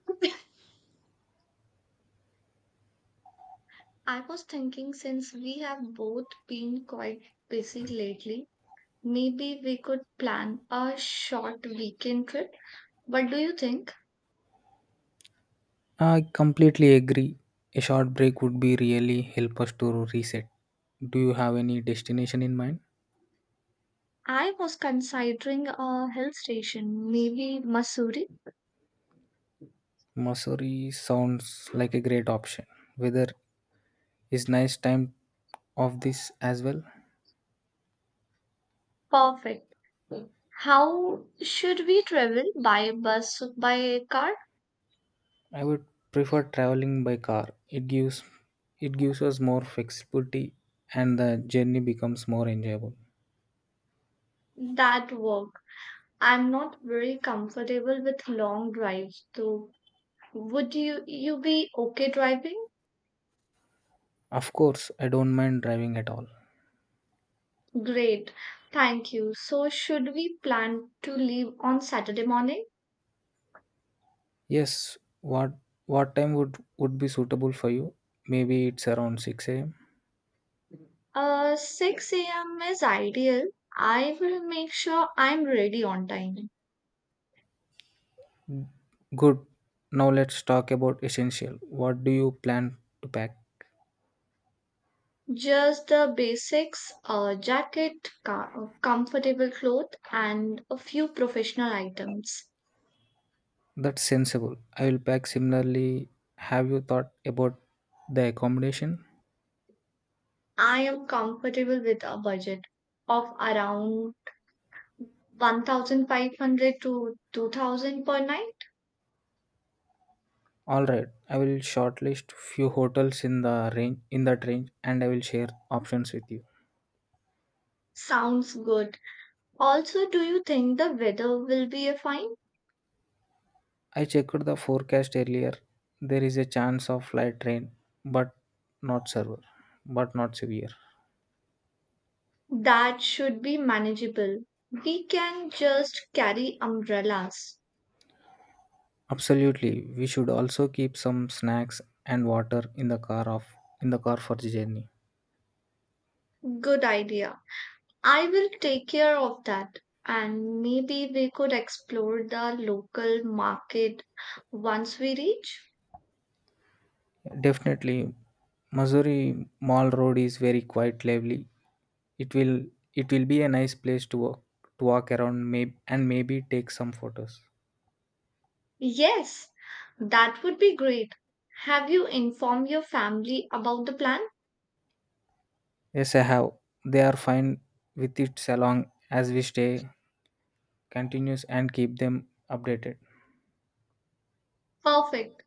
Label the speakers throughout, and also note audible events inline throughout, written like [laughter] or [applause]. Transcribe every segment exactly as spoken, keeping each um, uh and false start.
Speaker 1: [laughs] I was thinking since we have both been quite busy lately, maybe we could plan a short weekend trip. What do you think?
Speaker 2: I completely agree. A short break would be really help us to reset. Do you have any destination in mind?
Speaker 1: I was considering a hill station, maybe Missouri.
Speaker 2: Missouri sounds like a great option. Weather is nice time of this as well.
Speaker 1: Perfect. How should we travel? By bus, by car?
Speaker 2: I would prefer traveling by car. It gives it gives us more flexibility and the journey becomes more enjoyable.
Speaker 1: That work. I'm not very comfortable with long drives, though. Would you you be okay driving?
Speaker 2: Of course, I don't mind driving at all.
Speaker 1: Great. Thank you. So, should we plan to leave on Saturday morning?
Speaker 2: Yes, what what time would would be suitable for you? Maybe it's around six a m.
Speaker 1: Uh, six a m is ideal. I will make sure I'm ready on time.
Speaker 2: Good. Now let's talk about essential. What do you plan to pack?
Speaker 1: Just the basics, a jacket, co- comfortable cloth, and a few professional items.
Speaker 2: That's sensible. I will pack similarly. Have you thought about the accommodation?
Speaker 1: I am comfortable with a budget of around one thousand five hundred to two thousand per night.
Speaker 2: All right. I will shortlist few hotels in the range in that range and I will share options with you.
Speaker 1: Sounds good. Also, do you think the weather will be a fine?
Speaker 2: I checked the forecast earlier. There is a chance of light rain, but not severe. But not severe.
Speaker 1: That should be manageable. We can just carry umbrellas.
Speaker 2: Absolutely. We should also keep some snacks and water in the car of in the car for the journey.
Speaker 1: Good idea. I will take care of that. And maybe we could explore the local market once we reach.
Speaker 2: Definitely, Missouri Mall Road is very quite lively. It will it will be a nice place to walk to walk around, maybe and maybe take some photos.
Speaker 1: Yes, that would be great. Have you informed your family about the plan?
Speaker 2: Yes, I have. They are fine with it so long as we stay continuous and keep them updated.
Speaker 1: Perfect.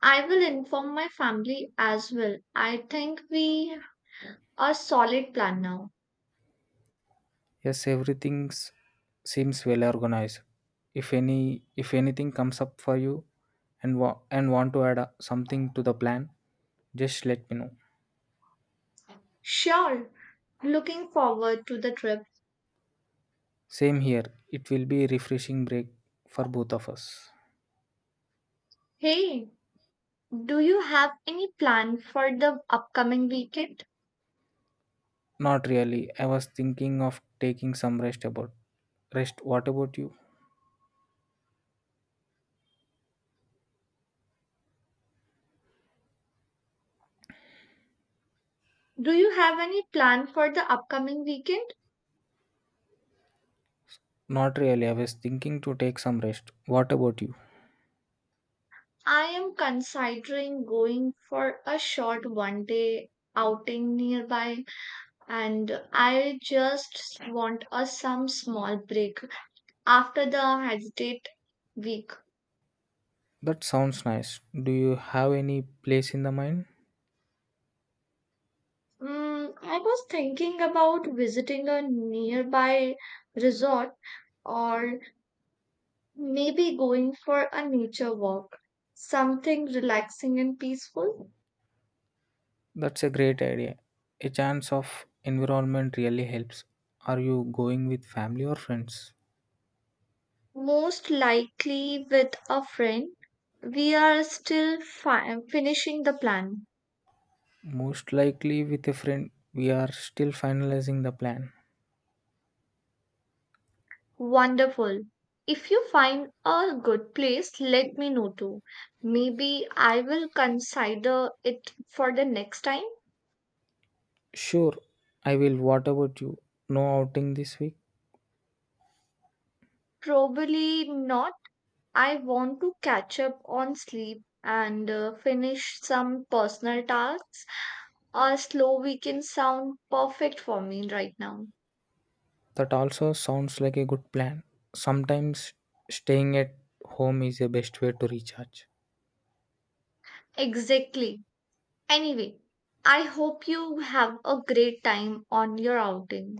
Speaker 1: I will inform my family as well. I think we a solid plan now.
Speaker 2: Yes, everything seems well organized. If any if anything comes up for you and wa- and want to add uh, something to the plan, just let me know.
Speaker 1: Sure. Looking forward to the trip.
Speaker 2: Same here. It will be a refreshing break for both of us.
Speaker 1: Hey, do you have any plan for the upcoming weekend?
Speaker 2: Not really. I was thinking of taking some rest about rest. What about you?
Speaker 1: Do you have any plan for the upcoming weekend?
Speaker 2: Not really. I was thinking to take some rest. What about you?
Speaker 1: I am considering going for a short one day outing nearby, and I just want a some small break after the hesitate week.
Speaker 2: That sounds nice. Do you have any place in the mind?
Speaker 1: Mm, I was thinking about visiting a nearby resort, or maybe going for a nature walk, something relaxing and peaceful.
Speaker 2: That's a great idea. A chance of environment really helps. Are you going with family or friends?
Speaker 1: Most likely with a friend. We are still fi- finishing the plan.
Speaker 2: Most likely with a friend. We are still finalizing the plan.
Speaker 1: Wonderful. If you find a good place, let me know too. Maybe I will consider it for the next time.
Speaker 2: Sure, I will. What about you? No outing this week?
Speaker 1: Probably not. I want to catch up on sleep and uh, finish some personal tasks. A slow weekend sound perfect for me right now.
Speaker 2: That also sounds like a good plan. Sometimes staying at home is the best way to recharge.
Speaker 1: Exactly. Anyway, I hope you have a great time on your outing.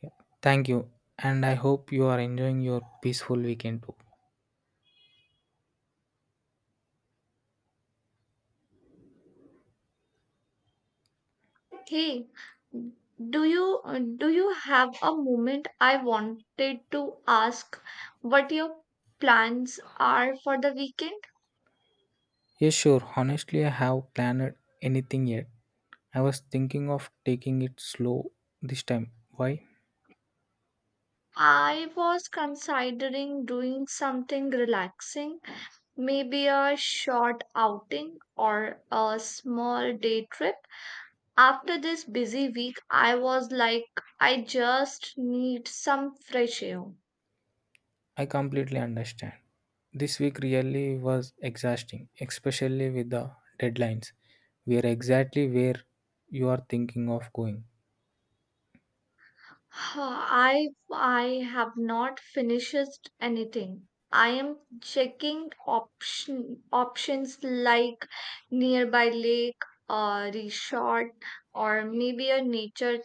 Speaker 2: Yeah. Thank you, and I hope you are enjoying your peaceful weekend too.
Speaker 1: Hey, do you do you have a moment? I wanted to ask what your plans are for the weekend.
Speaker 2: Yes, sure. Honestly, I have planned anything yet. I was thinking of taking it slow this time. Why?
Speaker 1: I was considering doing something relaxing, maybe a short outing or a small day trip. After this busy week, I was like, I just need some fresh air.
Speaker 2: I completely understand. This week really was exhausting, especially with the deadlines. We are exactly where you are thinking of going.
Speaker 1: [sighs] I I have not finished anything. I am checking option options like nearby lake or resort or maybe a nature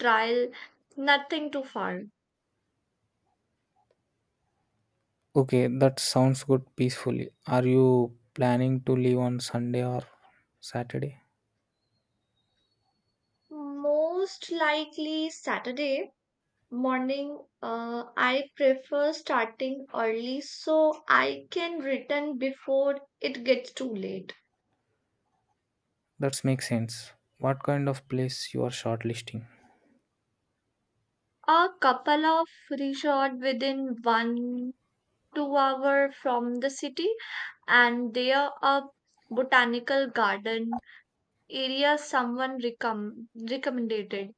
Speaker 1: trial. Nothing too far.
Speaker 2: Okay, that sounds good peacefully. Are you planning to leave on Sunday or Saturday?
Speaker 1: Most likely Saturday. Morning, uh, I prefer starting early so I can return before it gets too late.
Speaker 2: That makes sense. What kind of place you are shortlisting?
Speaker 1: A couple of resort within one two hour from the city, and there a botanical garden area someone recom- recommended.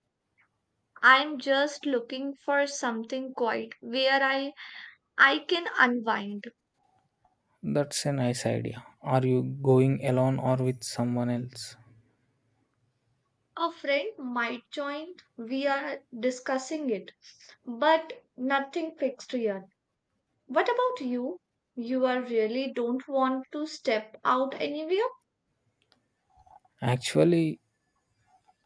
Speaker 1: I'm just looking for something quiet where I I can unwind.
Speaker 2: That's a nice idea. Are you going alone or with someone else?
Speaker 1: A friend might join. We are discussing it, but nothing fixed yet. What about you? You are really don't want to step out anywhere?
Speaker 2: Actually,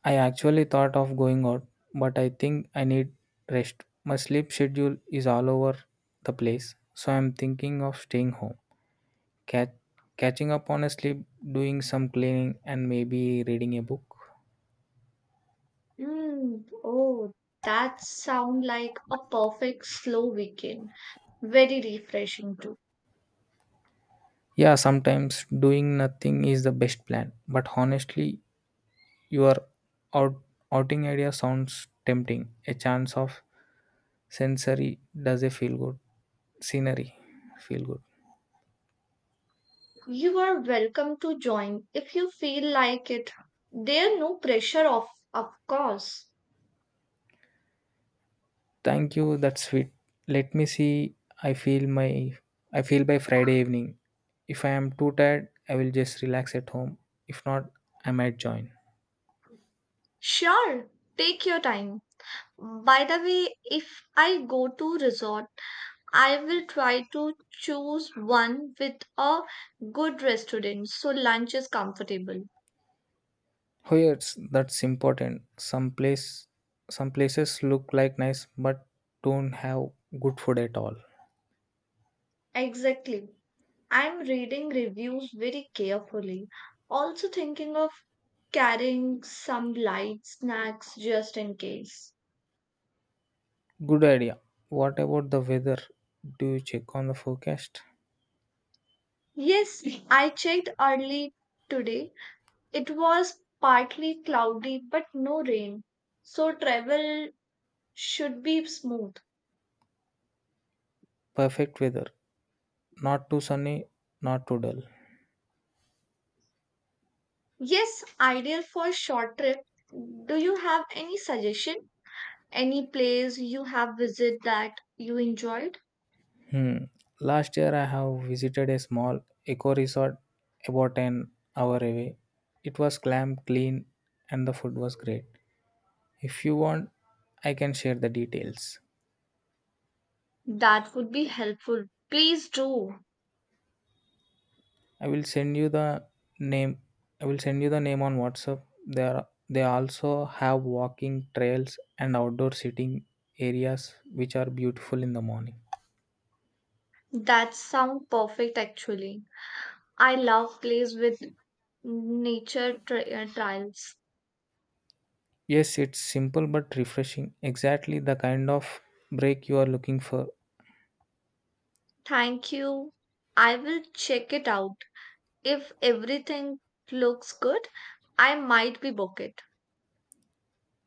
Speaker 2: I actually thought of going out, but I think I need rest. My sleep schedule is all over the place, so I'm thinking of staying home, cat- catching up on a sleep, doing some cleaning, and maybe reading a book.
Speaker 1: Mm, oh, that sound like a perfect slow weekend. Very refreshing too.
Speaker 2: Yeah, sometimes doing nothing is the best plan, but honestly, your out- outing idea sounds tempting. A chance of sensory does a feel good scenery feel good.
Speaker 1: You are welcome to join if you feel like it. There no pressure of of course.
Speaker 2: Thank you. That's sweet. Let me see. I feel my I feel by Friday evening. If I am too tired, I will just relax at home. If not, I might join.
Speaker 1: Sure, take your time. By the way, if I go to resort, I will try to choose one with a good restaurant so lunch is comfortable.
Speaker 2: Oh yes, that's important. Some place some places look like nice but don't have good food at all.
Speaker 1: Exactly. I'm reading reviews very carefully. Also thinking of carrying some light snacks just in case.
Speaker 2: Good idea. What about the weather? Do you check on the forecast?
Speaker 1: Yes, [laughs] I checked early today. It was partly cloudy but no rain. So travel should be smooth.
Speaker 2: Perfect weather. Not too sunny, not too dull.
Speaker 1: Yes, ideal for short trip. Do you have any suggestion? Any place you have visited that you enjoyed?
Speaker 2: Hmm. Last year, I have visited a small eco resort about an hour away. It was clam clean and the food was great. If you want, I can share the details.
Speaker 1: That would be helpful. Please do.
Speaker 2: I will send you the name. I will send you the name on WhatsApp. There, they also have walking trails and outdoor sitting areas, which are beautiful in the morning.
Speaker 1: That sounds perfect actually. I love place with nature tri- uh, trails.
Speaker 2: Yes, it's simple but refreshing. Exactly the kind of break you are looking for.
Speaker 1: Thank you. I will check it out. If everything looks good, I might be book it.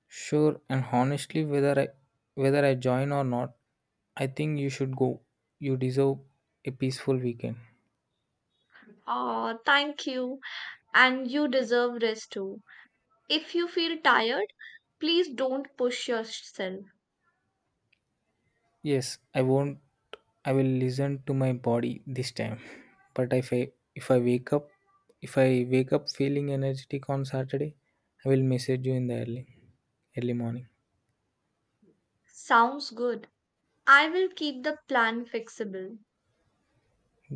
Speaker 2: Sure, and honestly, whether I whether I join or not, I think you should go. You deserve a peaceful weekend.
Speaker 1: Oh, thank you. And you deserve rest too. If you feel tired, please don't push yourself.
Speaker 2: Yes, I won't. I will listen to my body this time. [laughs] But if I if I wake up, if I wake up feeling energetic on Saturday, I will message you in the early early morning.
Speaker 1: Sounds good. I will keep the plan flexible.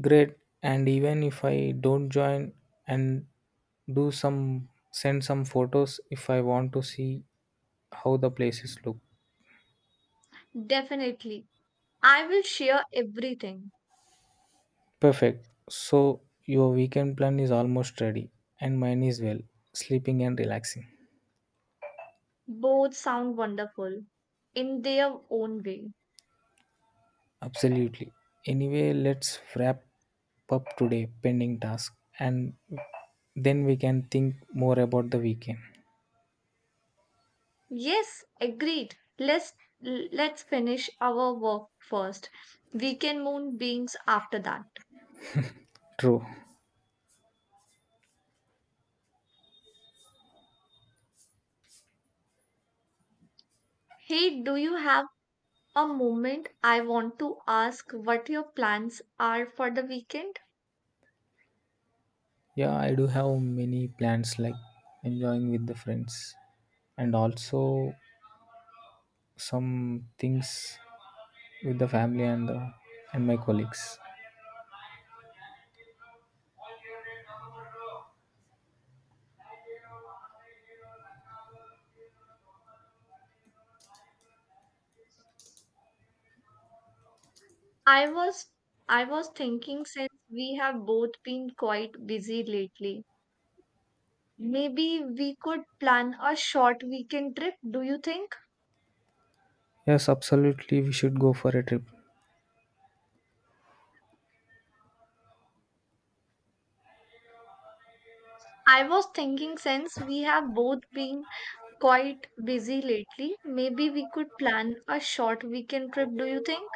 Speaker 2: Great. And even if I don't join, and do some send some photos if I want to see how the places look.
Speaker 1: Definitely. I will share everything.
Speaker 2: Perfect. So your weekend plan is almost ready, and mine is well, sleeping and relaxing.
Speaker 1: Both sound wonderful in their own way.
Speaker 2: Absolutely. Anyway, let's wrap up today pending task and then we can think more about the weekend.
Speaker 1: Yes, agreed. Let's let's finish our work first. We can moon beings after that.
Speaker 2: True.
Speaker 1: Hey, do you have a moment? I want to ask what your plans are for the weekend.
Speaker 2: Yeah, I do have many plans like enjoying with the friends and also some things with the family and the, and my colleagues.
Speaker 1: I was I was thinking since we have both been quite busy lately. Maybe we could plan a short weekend trip, do you think?
Speaker 2: Yes, absolutely we should go for a trip.
Speaker 1: I was thinking since we have both been quite busy lately, maybe we could plan a short weekend trip, do you think?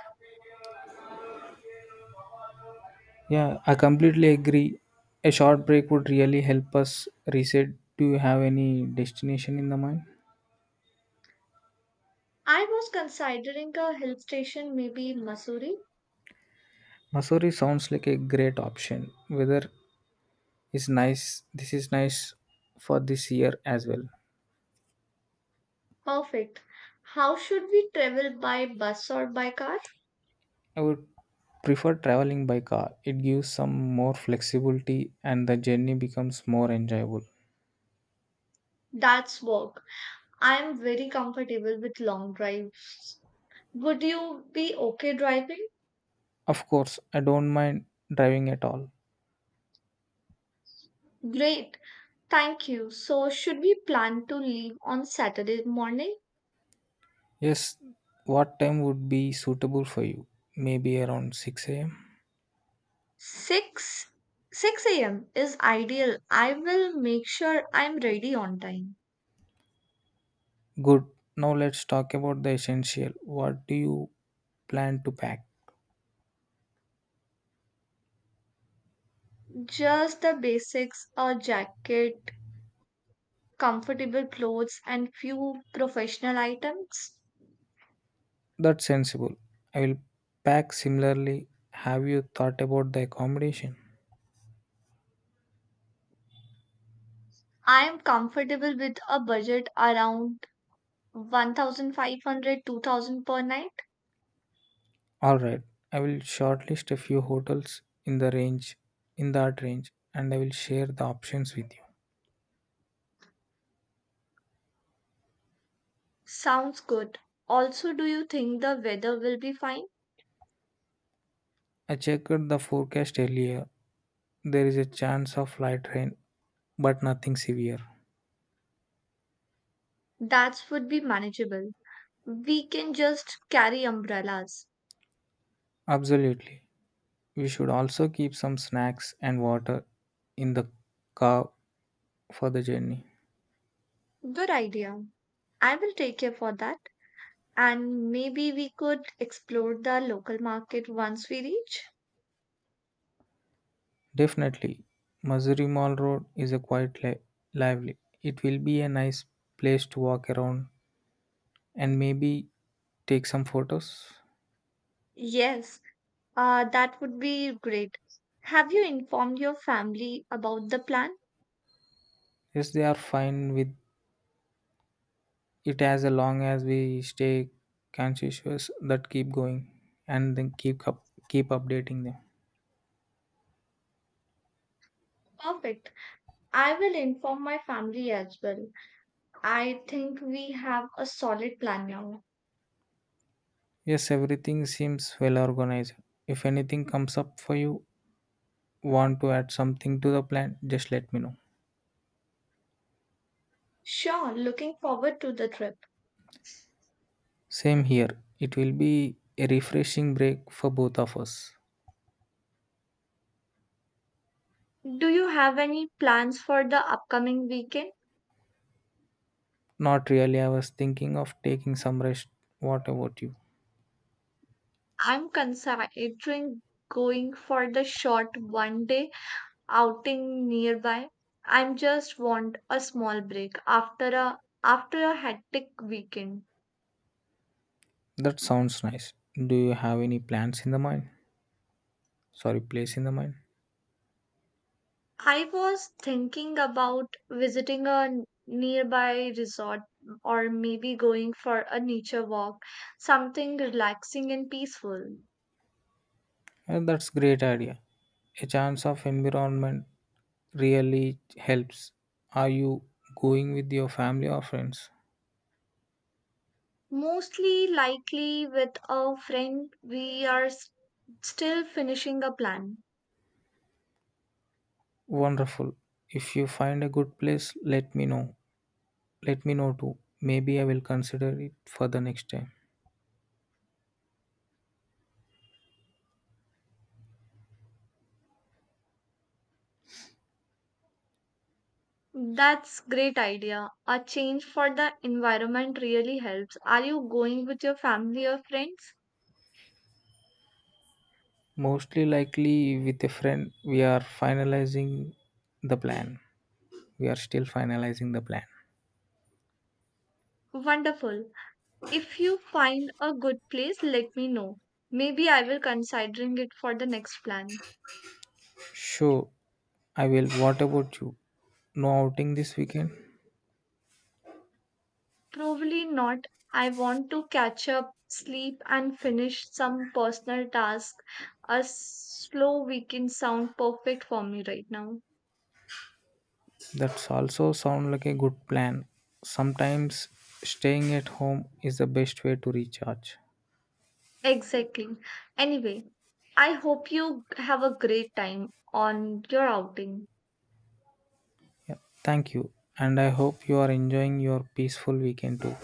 Speaker 2: Yeah, I completely agree. A short break would really help us reset. Do you have any destination in the mind?
Speaker 1: I was considering a hill station, maybe in Missouri.
Speaker 2: Missouri sounds like a great option. Weather is nice. This is nice for this year as well.
Speaker 1: Perfect. How should we travel, by bus or by car?
Speaker 2: I would prefer traveling by car. It gives some more flexibility and the journey becomes more enjoyable.
Speaker 1: That's walk. I am very comfortable with long drives. Would you be okay driving?
Speaker 2: Of course, I don't mind driving at all.
Speaker 1: Great. Thank you. So, should we plan to leave on Saturday morning?
Speaker 2: Yes, what time would be suitable for you? Maybe around six a m.
Speaker 1: six six a m is ideal. I will make sure I'm ready on time.
Speaker 2: Good. Now let's talk about the essential. What do you plan to pack?
Speaker 1: Just the basics, a jacket, comfortable clothes and few professional items.
Speaker 2: That's sensible. I will pack similarly. Have you thought about the accommodation?
Speaker 1: I am comfortable with a budget around one thousand five hundred two thousand per night.
Speaker 2: All right. I will shortlist a few hotels in the range in that range and I will share the options with you.
Speaker 1: Sounds good. Also, do you think the weather will be fine?
Speaker 2: I checked the forecast earlier. There is a chance of light rain, but nothing severe.
Speaker 1: That would be manageable. We can just carry umbrellas.
Speaker 2: Absolutely. We should also keep some snacks and water in the car for the journey.
Speaker 1: Good idea. I will take care for that. And maybe we could explore the local market once we reach.
Speaker 2: Definitely. Missouri Mall Road is a quite li- lively. It will be a nice place to walk around and maybe take some photos.
Speaker 1: Yes, uh, that would be great. Have you informed your family about the plan?
Speaker 2: Yes, they are fine with it as long as we stay conscious that keep going and then keep up keep updating them.
Speaker 1: Perfect. I will inform my family as well. I think we have a solid plan now.
Speaker 2: Yes, everything seems well organized. If anything comes up for you, want to add something to the plan, just let me know.
Speaker 1: Sure, looking forward to the trip.
Speaker 2: Same here. It will be a refreshing break for both of us.
Speaker 1: Do you have any plans for the upcoming weekend?
Speaker 2: Not really. I was thinking of taking some rest. What about you?
Speaker 1: I'm considering going for the short one day outing nearby. I just want a small break after a after a hectic weekend.
Speaker 2: That sounds nice. Do you have any plans in the mind? Sorry, place in the mind.
Speaker 1: I was thinking about visiting a n- nearby resort, or maybe going for a nature walk, something relaxing and peaceful.
Speaker 2: Uh, that's great idea. A chance of environment really helps. Are you going with your family or friends?
Speaker 1: Mostly likely with a friend, we are s- still finishing a plan.
Speaker 2: Wonderful. If you find a good place, let me know. Let me know too. Maybe I will consider it for the next time.
Speaker 1: That's great idea. A change for the environment really helps. Are you going with your family or friends?
Speaker 2: Mostly likely with a friend, we are finalizing the plan. We are still finalizing the plan.
Speaker 1: Wonderful. If you find a good place, let me know. Maybe I will considering it for the next plan.
Speaker 2: Sure, I will. What about you? No outing this weekend?
Speaker 1: Probably not. I want to catch up, sleep and finish some personal task. A slow weekend sound perfect for me right now.
Speaker 2: That's also sound like a good plan. Sometimes staying at home is the best way to recharge.
Speaker 1: Exactly. Anyway, I hope you have a great time on your outing.
Speaker 2: Yeah, thank you. And I hope you are enjoying your peaceful weekend too.